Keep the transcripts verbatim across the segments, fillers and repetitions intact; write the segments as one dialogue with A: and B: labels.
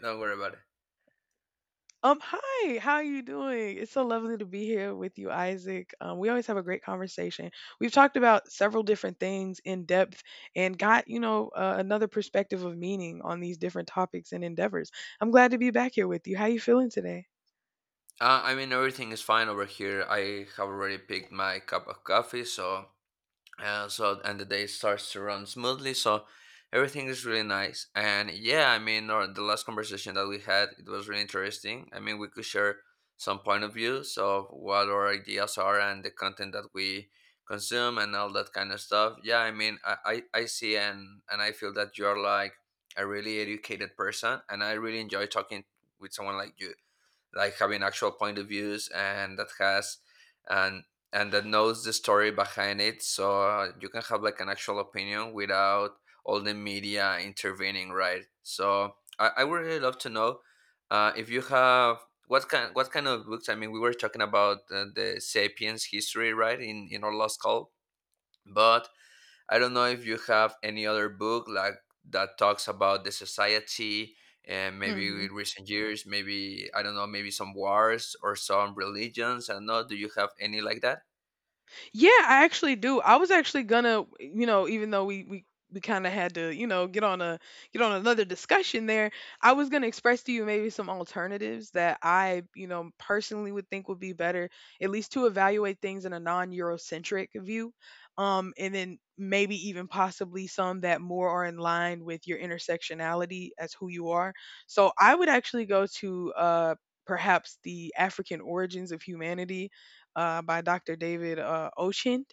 A: Don't worry about it.
B: Um, hi, how are you doing? It's so lovely to be here with you, Isaac. Um, we always have a great conversation. We've talked about several different things in depth and got, you know, uh, another perspective of meaning on these different topics and endeavors. I'm glad to be back here with you. How are you feeling today?
A: Uh, I mean, everything is fine over here. I have already picked my cup of coffee, so uh, so and the day starts to run smoothly. So everything is really nice. And yeah, I mean, or the last conversation that we had, it was really interesting. I mean, we could share some point of views of what our ideas are and the content that we consume and all that kind of stuff. Yeah, I mean, I I, I see and and I feel that you're like a really educated person, and I really enjoy talking with someone like you like having actual point of views and that has and and that knows the story behind it. So uh, you can have like an actual opinion without all the media intervening, right? So i, I would really love to know uh, if you have what kind what kind of books. I mean, we were talking about uh, the Sapiens history, right, in in our last call, but I don't know if you have any other book like that talks about the society and maybe
B: hmm
A: with recent years, maybe I don't know, maybe some wars or some religions. I don't know. Do you have any like that?
B: Yeah, I actually do. I was actually gonna, you know, even though we we we kind of had to, you know, get on a get on another discussion there. I was gonna express to you maybe some alternatives that I, you know, personally would think would be better, at least to evaluate things in a non-Eurocentric view, um, and then maybe even possibly some that more are in line with your intersectionality as who you are. So I would actually go to uh perhaps the African origins of humanity, uh, by Doctor David, uh, Ocean.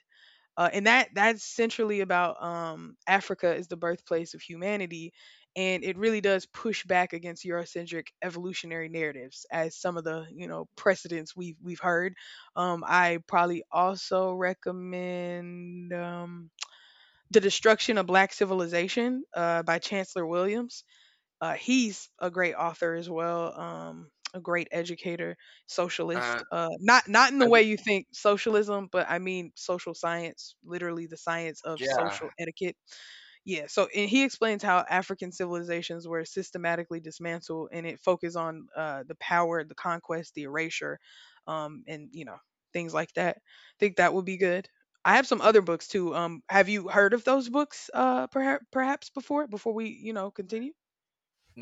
B: Uh, and that that's centrally about, um, Africa is the birthplace of humanity, and it really does push back against Eurocentric evolutionary narratives, as some of the you know precedents we've we've heard. Um, I probably also recommend, um, the Destruction of Black Civilization, uh, by Chancellor Williams. Uh, he's a great author as well, um, a great educator,
A: Uh,
B: socialist. Uh, not not in
A: I
B: the way
A: w-
B: you think socialism, but I mean social science, literally the science of
A: yeah.
B: social etiquette. Yeah, so and he explains how African civilizations were systematically dismantled, and it focused on, uh, the power, the conquest, the erasure, um, and you know things like that. I think that would be good. I have some other books too. Um, have you heard of those books, uh, perhaps, perhaps before before we you know continue?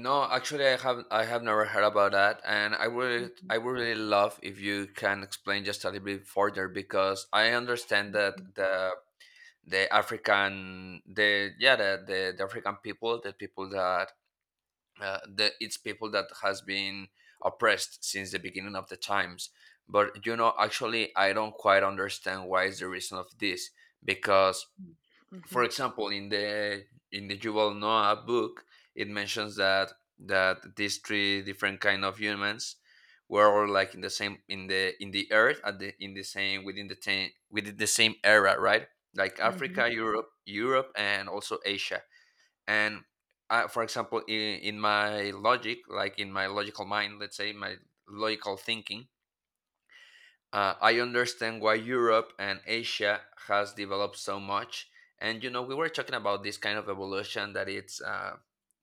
A: No, actually, I have I have never heard about that, and I would
B: Mhm,
A: I would really love if you can explain just a little bit further, because I understand that
B: mhm,
A: the the African the yeah the the, the African people, the people that uh, the it's people that has been oppressed since the beginning of the times. But you know, actually I don't quite understand why is the reason of this, because
B: mhm,
A: for
B: mhm,
A: example in the in the Yuval Noah book, it mentions that that these three different kind of humans were all like in the same, in the in the earth, at the in the same, within the ten, within the same era, right? Like
B: mhm,
A: Africa, Europe, Europe and also Asia. And uh, for example, in, in my logic, like in my logical mind, let's say my logical thinking, uh, I understand why Europe and Asia has developed so much. And you know, we were talking about this kind of evolution that it's uh,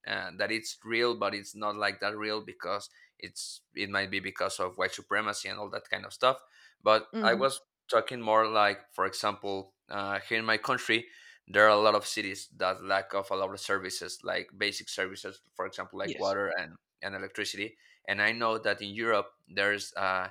A: uh, that it's real, but it's not like that real, because it's it might be because of white supremacy and all that kind of stuff. But I
B: mhm.
A: was talking more like, for example, uh, here in my country, there are a lot of cities that lack of a lot of services, like basic services, for example, like
B: Yes.
A: water and and electricity. And I know that in Europe, there's uh,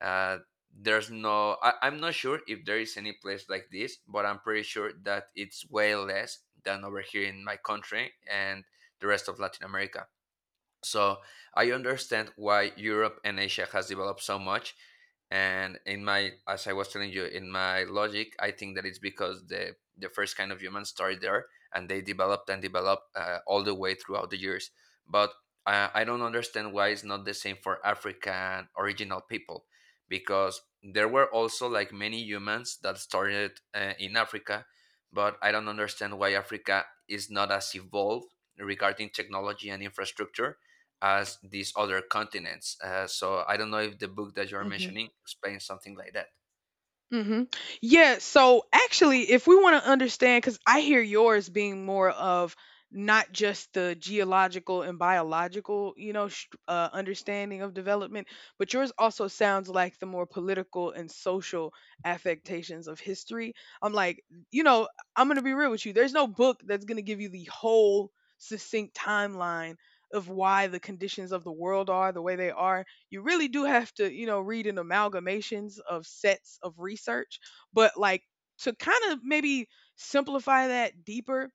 A: uh, there's no, I, I'm not sure if there is any place like this, but I'm pretty sure that it's way less than over here in my country and the rest of Latin America. So I understand why Europe and Asia has developed so much. And in my, as I was telling you, in my logic, I think that it's because the the first kind of humans started there, and they developed and developed uh, all the way throughout the years. But I, I don't understand why it's not the same for African original people, because there were also like many humans that started uh, in Africa, but I don't understand why Africa is not as evolved regarding technology and infrastructure as these other continents. Uh, so I don't know if the book that you're
B: Mhm.
A: mentioning explains something like that.
B: hmm Yeah. So actually, if we want to understand, because I hear yours being more of not just the geological and biological, you know, sh- uh, understanding of development, but yours also sounds like the more political and social affectations of history. I'm like, you know, I'm gonna be real with you. There's no book that's gonna give you the whole succinct timeline of why the conditions of the world are the way they are. You really do have to, you know, read an amalgamations of sets of research. But like, to kind of maybe simplify that deeper,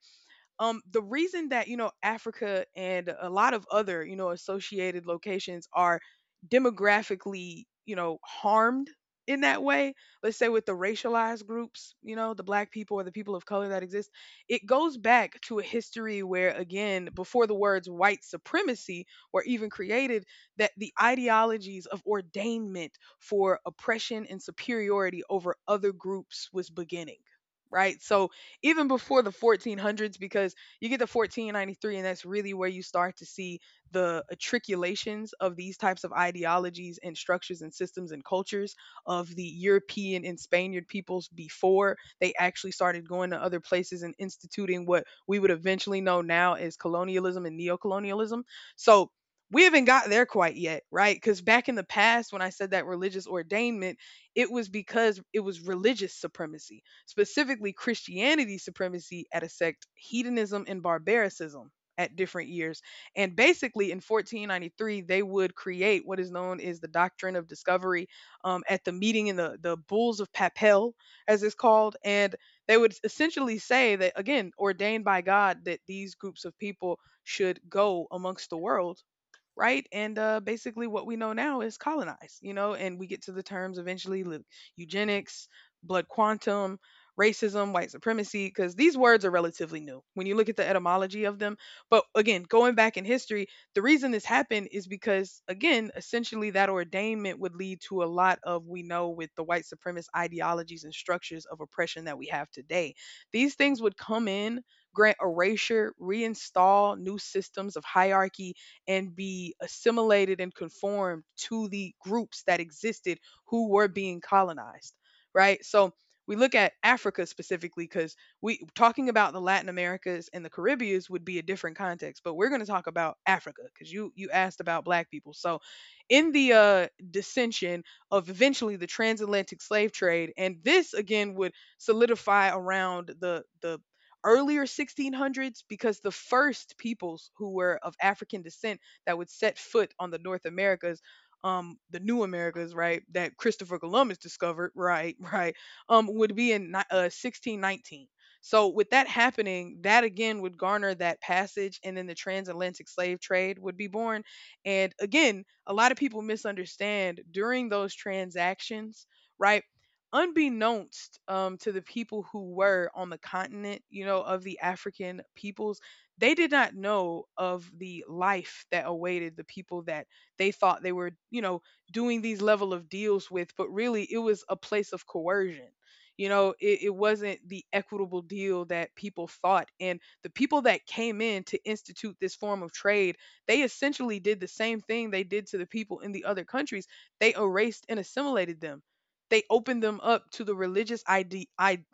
B: um, the reason that, you know, Africa and a lot of other, you know, associated locations are demographically, you know, harmed in that way, let's say with the racialized groups, you know, the black people or the people of color that exist, it goes back to a history where, again, before the words white supremacy were even created, that the ideologies of ordainment for oppression and superiority over other groups was beginning, right? So even before the fourteen hundreds, because you get the fourteen ninety-three and that's really where you start to see the matriculations of these types of ideologies and structures and systems and cultures of the European and Spaniard peoples before they actually started going to other places and instituting what we would eventually know now as colonialism and neocolonialism. So we haven't got there quite yet, right? Because back in the past, when I said that religious ordainment, it was because it was religious supremacy, specifically Christianity supremacy at a sect, hedonism and barbaricism at different years. And basically, in fourteen ninety-three, they would create what is known as the doctrine of discovery, um, at the meeting in the, the Bulls of Papel, as it's called. And they would essentially say that, again, ordained by God, that these groups of people should go amongst the world, right? And uh, basically, what we know now is colonized, you know, and we get to the terms eventually, li- eugenics, blood quantum, racism, white supremacy, because these words are relatively new when you look at the etymology of them. But again, going back in history, the reason this happened is because, again, essentially that ordainment would lead to a lot of we know with the white supremacist ideologies and structures of oppression that we have today. These things would come in, grant erasure, reinstall new systems of hierarchy, and be assimilated and conformed to the groups that existed who were being colonized, right? So we look at Africa specifically, because we talking about the Latin Americas and the Caribbeans would be a different context, but we're going to talk about Africa because you you asked about Black people. So in the, uh, dissension of eventually the transatlantic slave trade, and this again would solidify around the the earlier sixteen hundreds, because the first peoples who were of African descent that would set foot on the North Americas, um, the New Americas, right, that Christopher Columbus discovered, right, right, um, would be in ni- uh, sixteen nineteen. So with that happening, that again would garner that passage, and then the transatlantic slave trade would be born. And again, a lot of people misunderstand during those transactions, right? Unbeknownst, um, to the people who were on the continent, you know, of the African peoples, they did not know of the life that awaited the people that they thought they were, you know, doing these level of deals with, but really it was a place of coercion. You know, it, it wasn't the equitable deal that people thought. And the people that came in to institute this form of trade, they essentially did the same thing they did to the people in the other countries. They erased and assimilated them. They opened them up to the religious ide- ideals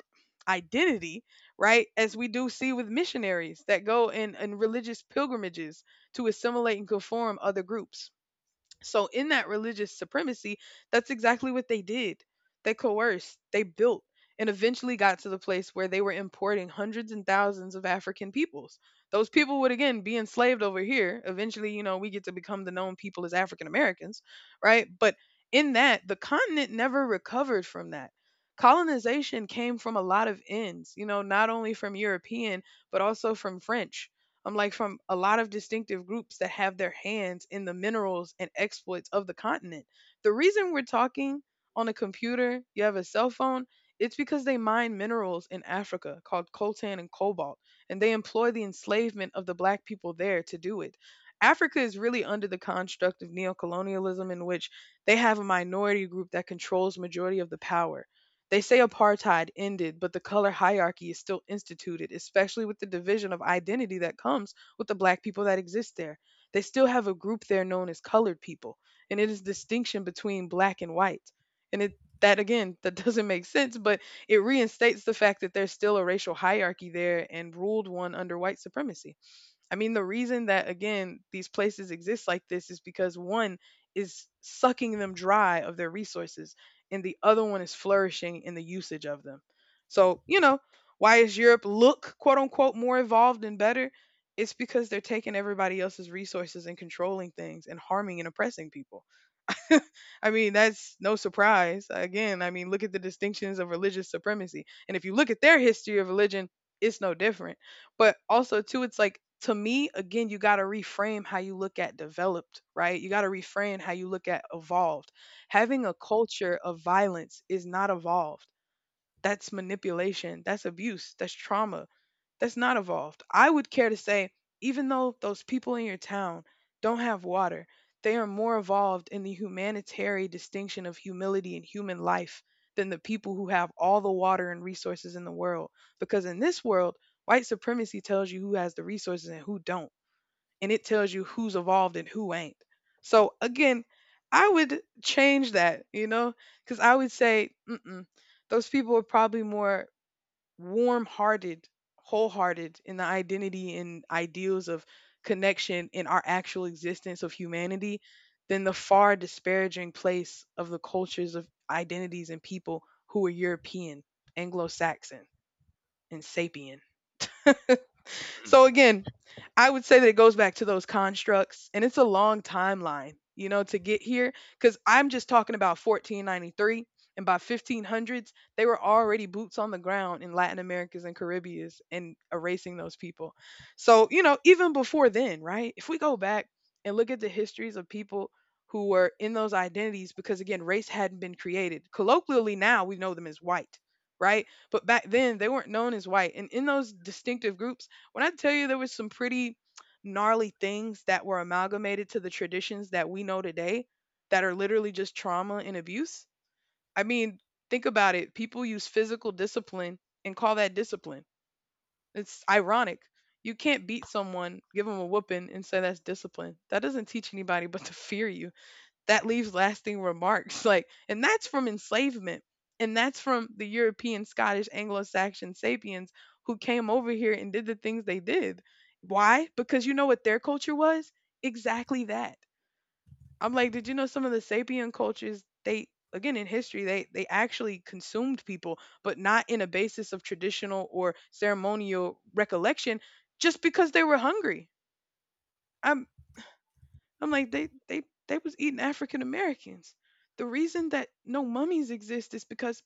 B: identity, right? As we do see with missionaries that go in, in religious pilgrimages to assimilate and conform other groups. So in that religious supremacy, that's exactly what they did. They coerced, they built, and eventually got to the place where they were importing hundreds and thousands of African peoples. Those people would again be enslaved over here. Eventually, you know, we get to become the known people as African Americans, right? But in that, the continent never recovered from that. Colonization came from a lot of ends, you know, not only from European, but also from French. I'm like, from a lot of distinctive groups that have their hands in the minerals and exploits of the continent. The reason we're talking on a computer, you have a cell phone, it's because they mine minerals in Africa called coltan and cobalt, and they employ the enslavement of the black people there to do it. Africa is really under the construct of neocolonialism, in which they have a minority group that controls majority of the power. They say apartheid ended, but the color hierarchy is still instituted, especially with the division of identity that comes with the black people that exist there. They still have a group there known as colored people, and it is distinction between black and white. And it, that again, that doesn't make sense, but it reinstates the fact that there's still a racial hierarchy there and ruled one under white supremacy. I mean, the reason that, again, these places exist like this is because one is sucking them dry of their resources, and the other one is flourishing in the usage of them. So, you know, why is Europe look, quote unquote, more evolved and better? It's because they're taking everybody else's resources and controlling things and harming and oppressing people. I mean, that's no surprise. Again, I mean, look at the distinctions of religious supremacy. And if you look at their history of religion, it's no different. But also, too, it's like, to me, again, you got to reframe how you look at developed, right? You got to reframe how you look at evolved. Having a culture of violence is not evolved. That's manipulation. That's abuse. That's trauma. That's not evolved. I would care to say, even though those people in your town don't have water, they are more evolved in the humanitarian distinction of humility and human life than the people who have all the water and resources in the world. Because in this world, white supremacy tells you who has the resources and who don't, and it tells you who's evolved and who ain't. So again, I would change that, you know, because I would say, mm-mm, those people are probably more warm-hearted, wholehearted in the identity and ideals of connection in our actual existence of humanity than the far disparaging place of the cultures of identities and people who are European, Anglo-Saxon, and sapien.
A: Mhm.
B: So again, I would say that it goes back to those constructs, and it's a long timeline, you know, to get here. Because I'm just talking about fourteen ninety-three, and by fifteen hundreds, they were already boots on the ground in Latin Americas and Caribbeans and erasing those people. So you know, even before then, right? If we go back and look at the histories of people who were in those identities, because again, race hadn't been created. Colloquially, now we know them as white, right? But back then, they weren't known as white, and in those distinctive groups when I tell you there was some pretty gnarly things that were amalgamated to the traditions that we know today that are literally just trauma and abuse. I mean, think about it. People use physical discipline and call that discipline. It's ironic. You can't beat someone, give them a whooping, and say that's discipline. That doesn't teach anybody but to fear you, that leaves lasting remarks like, and that's from enslavement, and that's from the European Scottish Anglo-Saxon sapiens who came over here and did the things they did. Why? Because you know what their culture was. Exactly that. I'm like, did you know some of the sapien cultures, they, again, in history, they they actually consumed people, but not in a basis of traditional or ceremonial recollection, just because they were hungry. i I'm like, they they they was eating African Americans. The reason that no mummies exist is because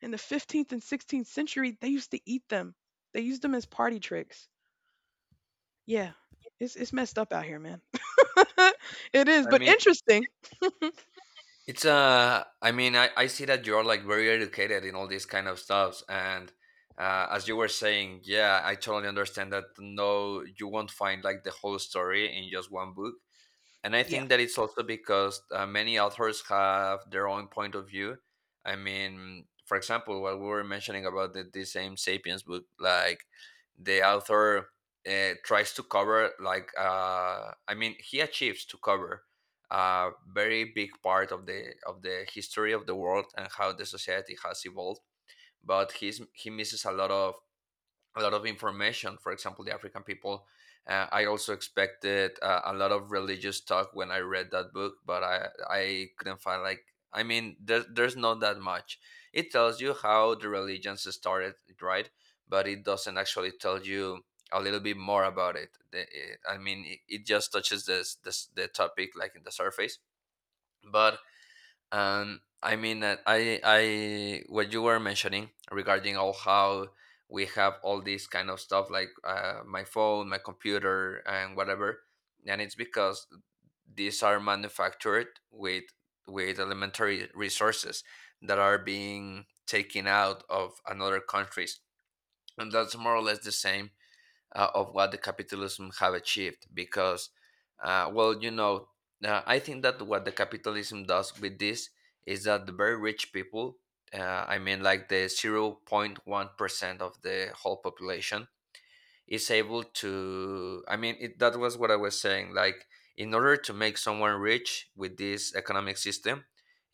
B: in the fifteenth and sixteenth century they used to eat them. They used them as party tricks. Yeah. It's it's messed up out here, man. It is,
A: I
B: but
A: mean,
B: interesting.
A: it's uh, I mean, I, I see that you're like very educated in all these kind of stuffs, and uh, as you were saying, yeah, I totally understand that. No, you won't find like the whole story in just one book, and I
B: Yeah.
A: think that it's also because uh, many authors have their own point of view. I mean, for example, what we were mentioning about the, the same *Sapiens* book, like the author uh, tries to cover, like, uh, I mean, he achieves to cover a very big part of the of the history of the world and how the society has evolved, but he's he misses a lot of a lot of information. For example, the African people. Uh, I also expected uh, a lot of religious talk when I read that book, but I I couldn't find like, I mean, there, there's not that much. It tells you how the religions started, right? But it doesn't actually tell you a little bit more about it. The- eh, I mean, it, it just touches this, this the topic like in the surface, but, and I mean, uh, I, I, what you were mentioning regarding all how we have all these kind of stuff like uh, my phone, my computer, and whatever, and it's because these are manufactured with with elementary resources that are being taken out of another countries, and that's more or less the same uh, of what the capitalism have achieved. Because uh, well you know, uh, I think that what the capitalism does with this is that the very rich people, uh, I mean like the zero point one percent of the whole population, is able to, I mean, it, that was what I was saying, like in order to make someone rich with this economic system,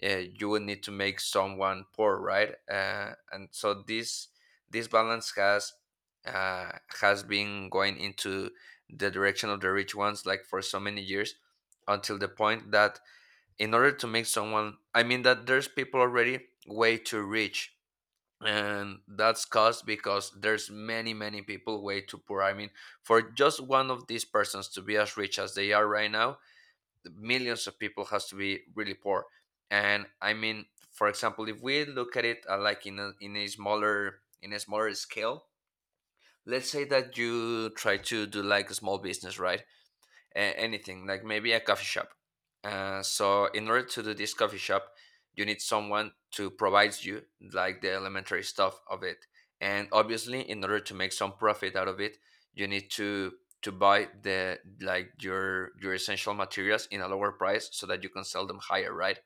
A: uh, you would need to make someone poor, right? Uh, and so this this balance has, uh, has been going into the direction of the rich ones like for so many years, until the point that in order to make someone, I mean, that there's people already way too rich, and that's caused because there's many many people way too poor. I mean, for just one of these persons to be as rich as they are right now, the millions of people has to be really poor. And I mean, for example, if we look at it uh, like in a, in a smaller, in a smaller scale, let's say that you try to do like a small business, right? A- anything like maybe a coffee shop. Uh, so in order to do this coffee shop, you need someone to provide you like the elementary stuff of it, and obviously in order to make some profit out of it, you need to to buy the like your your essential materials in a lower price so that you can sell them higher, right?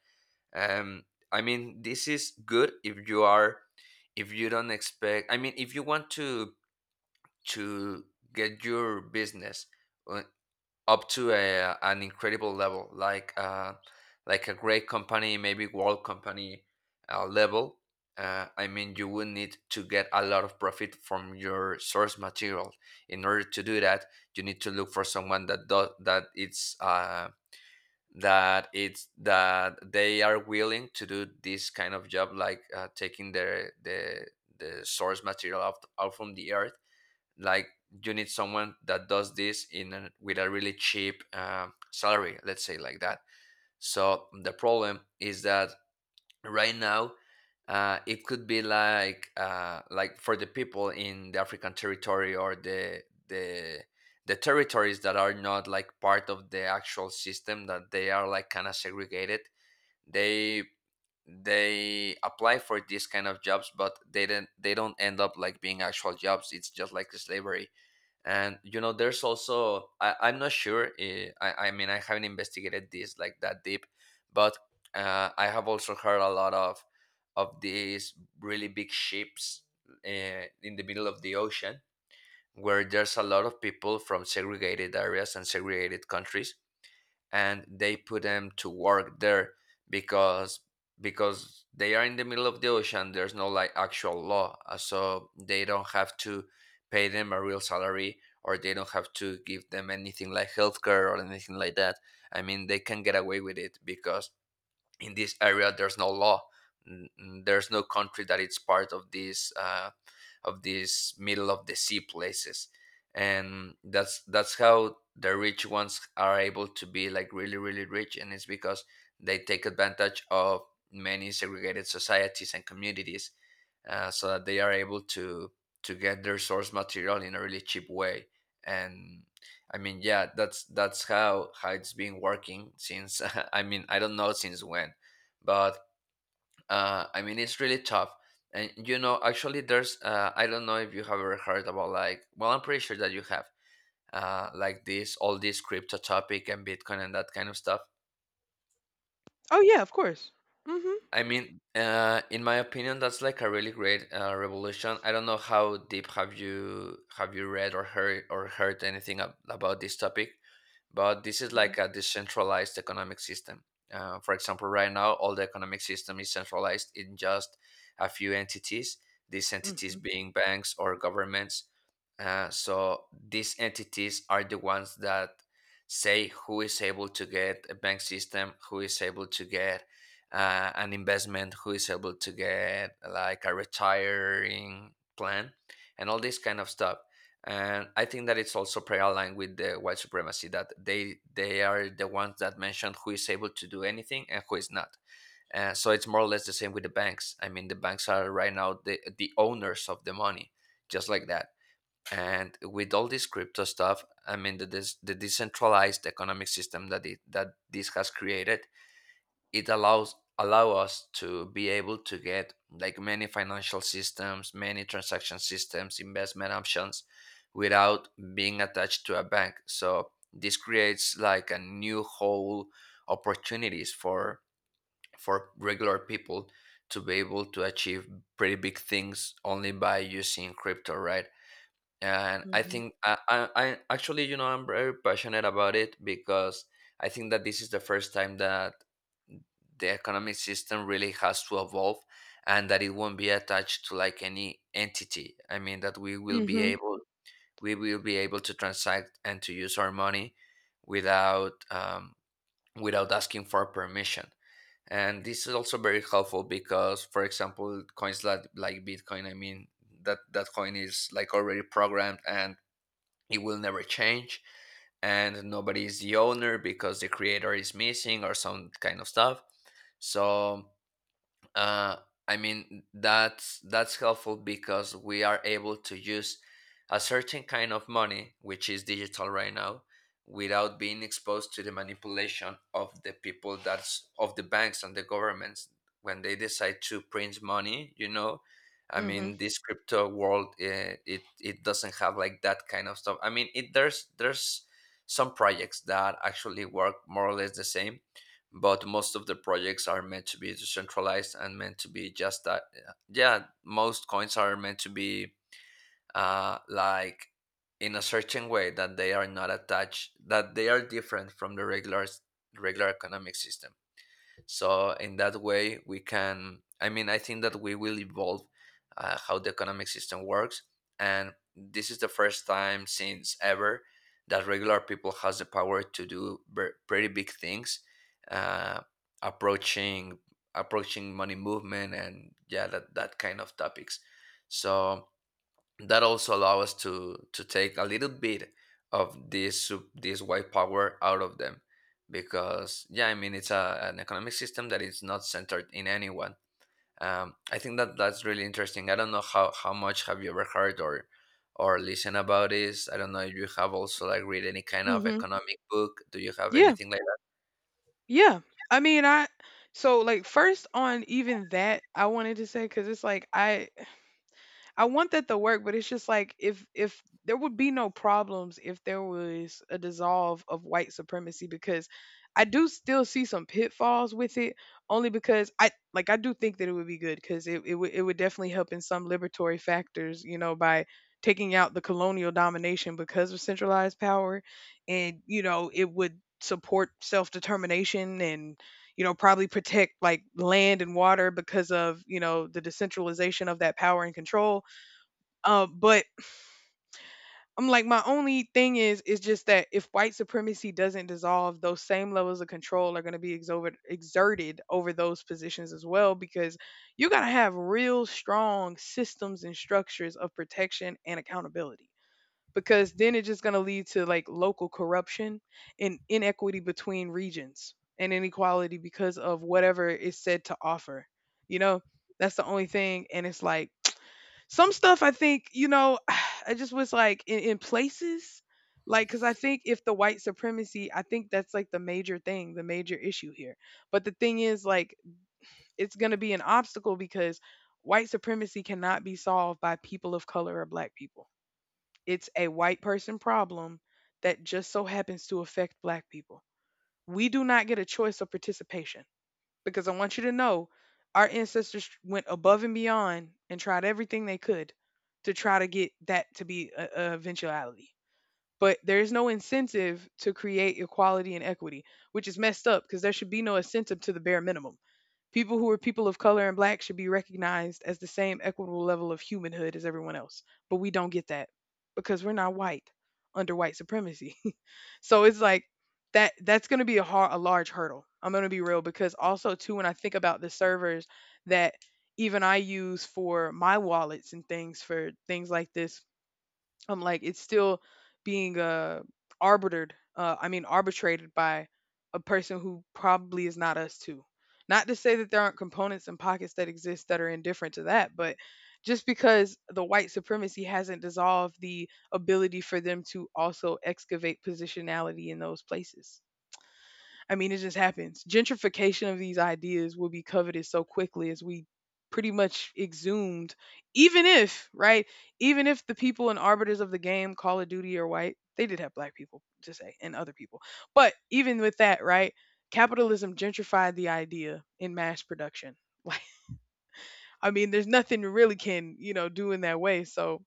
A: um I mean, this is good if you are, if you don't expect, I mean, if you want to to get your business uh up to a, an incredible level, like uh, like a great company, maybe world company uh, level. Uh, I mean, you would need to get a lot of profit from your source material. In order to do that, you need to look for someone that does that. It's uh, that it's that they are willing to do this kind of job, like uh, taking the the the source material out, out from the earth, like you need someone that does this in a, with a really cheap uh, salary, let's say like that. So the problem is that right now, uh, it could be like uh, like for the people in the African territory or the the the territories that are not like part of the actual system, that they are like kind of segregated, they they apply for these kind of jobs, but they don't, they don't end up like being actual jobs, it's just like slavery. And you know, there's also, I, I'm not sure, eh, I, I mean, I haven't investigated this like that deep, but uh, I have also heard a lot of of these really big ships uh, in the middle of the ocean, where there's a lot of people from segregated areas and segregated countries, and they put them to work there, because because they are in the middle of the ocean, there's no like actual law, uh, so they don't have to pay them a real salary, or they don't have to give them anything like healthcare or anything like that. I mean, they can get away with it because in this area there's no law. N- n- there's no country that it's part of these uh, of these middle of the sea places. And that's that's how the rich ones are able to be like really really rich, and it's because they take advantage of many segregated societies and communities, uh, so that they are able to to get their source material in a really cheap way. And I mean, yeah, that's that's how how it's been working since. I mean, I don't know since when, but uh, I mean, it's really tough. And you know, actually, there's uh, I don't know if you have ever heard about like, well, I'm pretty sure that you have, uh, like this all this crypto topic and Bitcoin and that kind of stuff.
B: Oh yeah, of course. Mhm.
A: I mean, uh, in my opinion, that's like a really great uh, revolution. I don't know how deep have you have you read or heard or heard anything ab- about this topic, but this is
B: Mhm.
A: like a decentralized economic system. Uh, for example, right now, all the economic system is centralized in just a few entities. These entities being banks or governments, uh, so these entities are the ones that say who is able to get a bank system, who is able to get uh, an investment, who is able to get like a retiring plan, and all this kind of stuff. And I think that it's also pretty aligned with the white supremacy that they they are the ones that mention who is able to do anything and who is not. Uh, so it's more or less the same with the banks. I mean, the banks are right now the the owners of the money, just like that, and with all this crypto stuff, I mean the, des- the decentralized economic system that it, that this has created, it allows allow us to be able to get like many financial systems, many transaction systems, investment options without being attached to a bank. So this creates like a new whole opportunities for for regular people to be able to achieve pretty big things only by using crypto, right? And i
B: Mhm.
A: think I, I i actually, you know, I'm very passionate about it, because I think that this is the first time that the economic system really has to evolve, and that it won't be attached to like any entity. I mean that we will be
B: Mhm.
A: able we will be able to transact and to use our money without um, without asking for permission. And this is also very helpful, because for example coins like, like bitcoin, I mean that that coin is like already programmed and it will never change, and nobody is the owner because the creator is missing or some kind of stuff. So uh, I mean that's that's helpful, because we are able to use a certain kind of money, which is digital right now, without being exposed to the manipulation of the people that's of the banks and the governments when they decide to print money. You know, I
B: Mhm.
A: mean this crypto world, uh, it it doesn't have like that kind of stuff. I mean, it there's there's some projects that actually work more or less the same, but most of the projects are meant to be decentralized and meant to be just that. Yeah, yeah, most coins are meant to be uh, like in a certain way that they are not attached, that they are different from the regular regular economic system. So in that way, we can. I mean, I think that we will evolve uh, how the economic system works, and this is the first time since ever that regular people has the power to do ver- pretty big things, uh, approaching approaching money movement, and yeah, that that kind of topics. So that also allow us to to take a little bit of this sup- this white power out of them, because yeah, I mean it's a, an economic system that is not centered in anyone. um, I think that that's really interesting. I don't know how how much have you ever heard or or listen about this. I don't know if you have also like read any kind of
B: Mhm.
A: economic book, do you have
B: Yeah.
A: anything like that?
B: Yeah. I mean, I, so like, first on, even that I wanted to say, cuz it's like, I I want that to work, but it's just like, if if there would be no problems if there was a dissolve of white supremacy, because I do still see some pitfalls with it, only because I, like, I do think that it would be good, because it it would, it would definitely help in some liberatory factors, you know, by taking out the colonial domination because of centralized power, and you know, it would support self-determination, and you know, probably protect like land and water because of, you know, the decentralization of that power and control. Um, but I'm like, my only thing is, is just that if white supremacy doesn't dissolve, those same levels of control are going to be exover- exerted over those positions as well, because you got to have real strong systems and structures of protection and accountability. Because then it's just going to lead to like local corruption and inequity between regions and inequality because of whatever is said to offer. You know, that's the only thing. And it's like, some stuff I think, you know, I just was like, in, in places, like, because I think if the white supremacy, I think that's like the major thing, the major issue here. But the thing is, like, it's going to be an obstacle because white supremacy cannot be solved by people of color or black people. It's a white person problem that just so happens to affect black people. We do not get a choice of participation, because I want you to know, our ancestors went above and beyond and tried everything they could to try to get that to be a, a eventuality. But there is no incentive to create equality and equity, which is messed up because there should be no incentive to the bare minimum. People who are people of color and black should be recognized as the same equitable level of humanhood as everyone else. But we don't get that because we're not white under white supremacy. So it's like, that that's going to be a hard, a large hurdle. I'm going to be real, because also too, when I think about the servers that even I use for my wallets and things for things like this, I'm like, it's still being uh arbitered, uh I mean arbitrated by a person who probably is not us too. Not to say that there aren't components and pockets that exist that are indifferent to that, but just because the white supremacy hasn't dissolved the ability for them to also excavate positionality in those places. I mean, it just happens. Gentrification of these ideas will be coveted so quickly as we pretty much exhumed, even if, right, even if the people and arbiters of the game, Call of Duty or white, they did have black people to say and other people. But even with that, right, capitalism gentrified the idea in mass production. Like, I mean, there's nothing you really can, you know, do in that way. So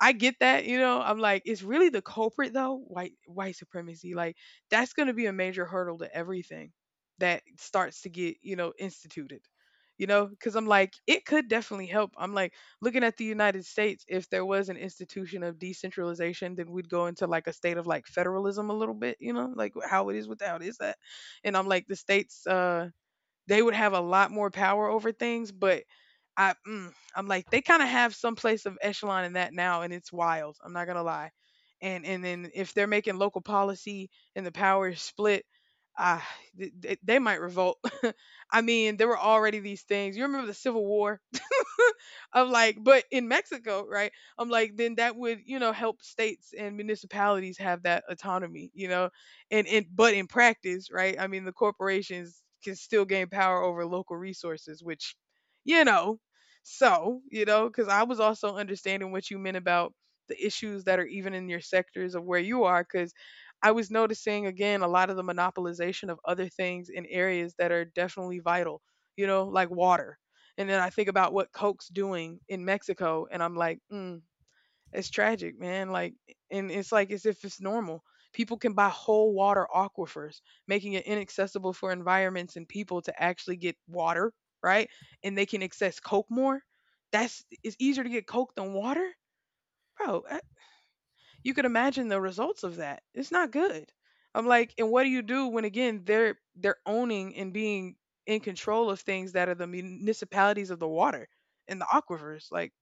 B: I get that, you know. I'm like, it's really the culprit though, white white supremacy. Like, that's going to be a major hurdle to everything that starts to get, you know, instituted. You know, because I'm like, it could definitely help. I'm like, looking at the United States, if there was an institution of decentralization, then we'd go into like a state of like federalism a little bit, you know, like how it is without is that. And I'm like, the states, uh, they would have a lot more power over things, but I, mm, I'm like, they kind of have some place of echelon in that now, and it's wild. I'm not gonna lie. And and then if they're making local policy and the power is split, ah, th- th- they might revolt. I mean, there were already these things. You remember the Civil War? I'm like, but in Mexico, right? I'm like, then that would, you know, help states and municipalities have that autonomy, you know, and and but in practice, right? I mean, the corporations can still gain power over local resources, which, you know, so you know, because I was also understanding what you meant about the issues that are even in your sectors of where you are, because I was noticing again a lot of the monopolization of other things in areas that are definitely vital, you know, like water, and then I think about what Coke's doing in Mexico, and I'm like, mm, it's tragic, man. Like, eh, and it's like as if it's normal. People can buy whole water aquifers, making it inaccessible for environments and people to actually get water, right? And they can access Coke more. That's, it's easier to get Coke than water, bro. Eh, you could imagine the results of that. It's not good. I'm like, and what do you do when again they're they're owning and being in control of things that are the municipalities of the water and the aquifers? Like,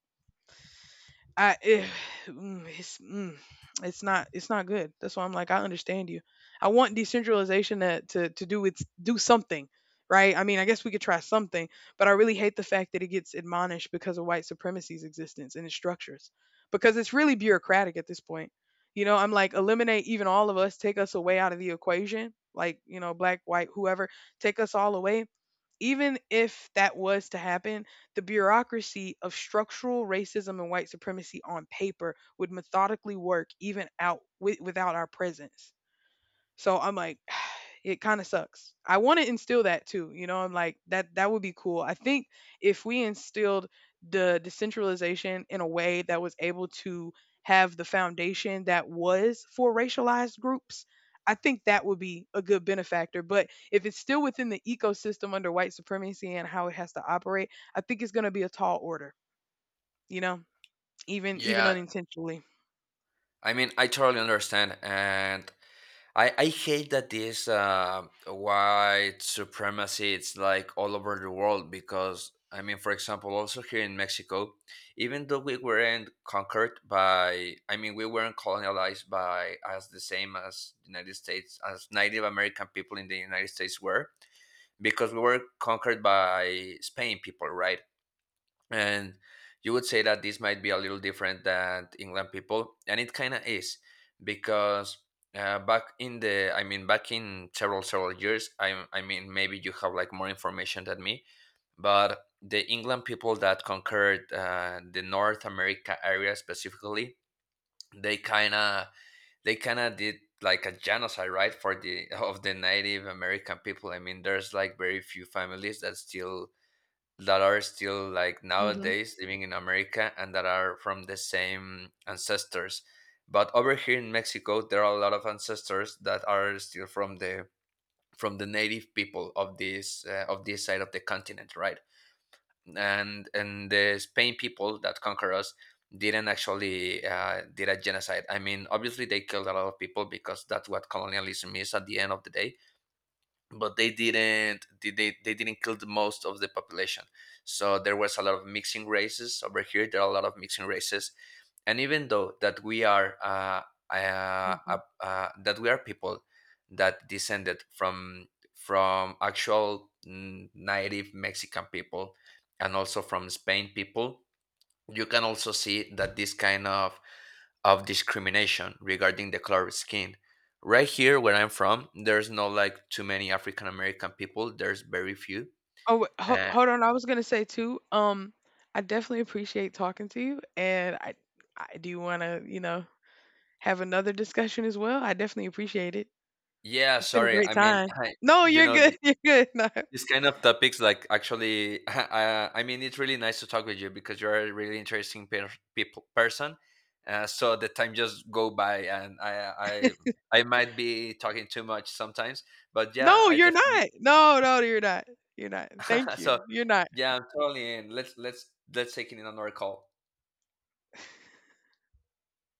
B: I, eh, mm, it's, mm, it's not it's not good. That's why I'm like, I understand you. I want decentralization to, to, to do its, do something, right? I mean, I guess we could try something, but I really hate the fact that it gets admonished because of white supremacy's existence and its structures, because it's really bureaucratic at this point. You know, I'm like, eliminate even all of us, take us away out of the equation, like, you know, black, white, whoever, take us all away. Even if that was to happen, the bureaucracy of structural racism and white supremacy on paper would methodically work even out wi- without our presence. So I'm like, it kind of sucks. I want to instill that too. You know, I'm like, that that would be cool. I think if we instilled the decentralization in a way that was able to have the foundation that was for racialized groups, I think that would be a good benefactor. But if it's still within the ecosystem under white supremacy and how it has to operate, I think it's going to be a tall order, you know, even even
A: Yeah,
B: unintentionally.
A: I mean I totally understand, and I, I hate that this uh, white supremacy it's like all over the world, because I mean for example also here in Mexico, even though we weren't conquered by I mean we weren't colonized by as the same as United States, as Native American people in the United States were, because we were conquered by Spain people, right? And you would say that this might be a little different than England people, and it kind of is, because uh, back in the, I mean, back in several several years, I, I mean, maybe you have like more information than me, but the England people that conquered uh, the North America area specifically, they kind of they kind of did like a genocide, right, for the of the Native American people. I mean there's like very few families that still that are still like
B: Hmm.
A: nowadays living in America and that are from the same ancestors. But over here in Mexico, there are a lot of ancestors that are still from the from the native people of this uh, of this side of the continent, right? And and the Spain people that conquer us didn't actually uh, did a genocide. I mean, obviously they killed a lot of people, because that's what colonialism is at the end of the day, but they didn't they, they, they didn't kill the most of the population. So there was a lot of mixing races over here, there are a lot of mixing races. And even though that we are uh, uh, uh, uh, that we are people that descended from from actual mm, native mexican people, and also from spain people, you can also see that this kind of of discrimination regarding the color of skin. Right here, where I'm from, there's not like too many African American people. There's very few.
B: Oh, wait, ho
A: Uh,
B: hold on. I was gonna say too. Um, I definitely appreciate talking to you, and I, I do want to, you know, have another discussion as well. I definitely appreciate it.
A: yeah,
B: It's been a
A: sorry.
B: great
A: I mean,
B: time.
A: I,
B: No,
A: you
B: you're
A: know,
B: good.
A: th-
B: You're good. No,
A: these kind of topics, like actually, I, I mean, it's really nice to talk with you because you're a really interesting per- people person. Uh, so the time just go by, and I, I, I might be talking too much sometimes, but yeah,
B: no,
A: I
B: you're
A: definitely
B: not. No, no, you're not. You're not. Thank
A: so
B: you. You're not.
A: yeah, I'm totally in. Let's let's let's take it in another call.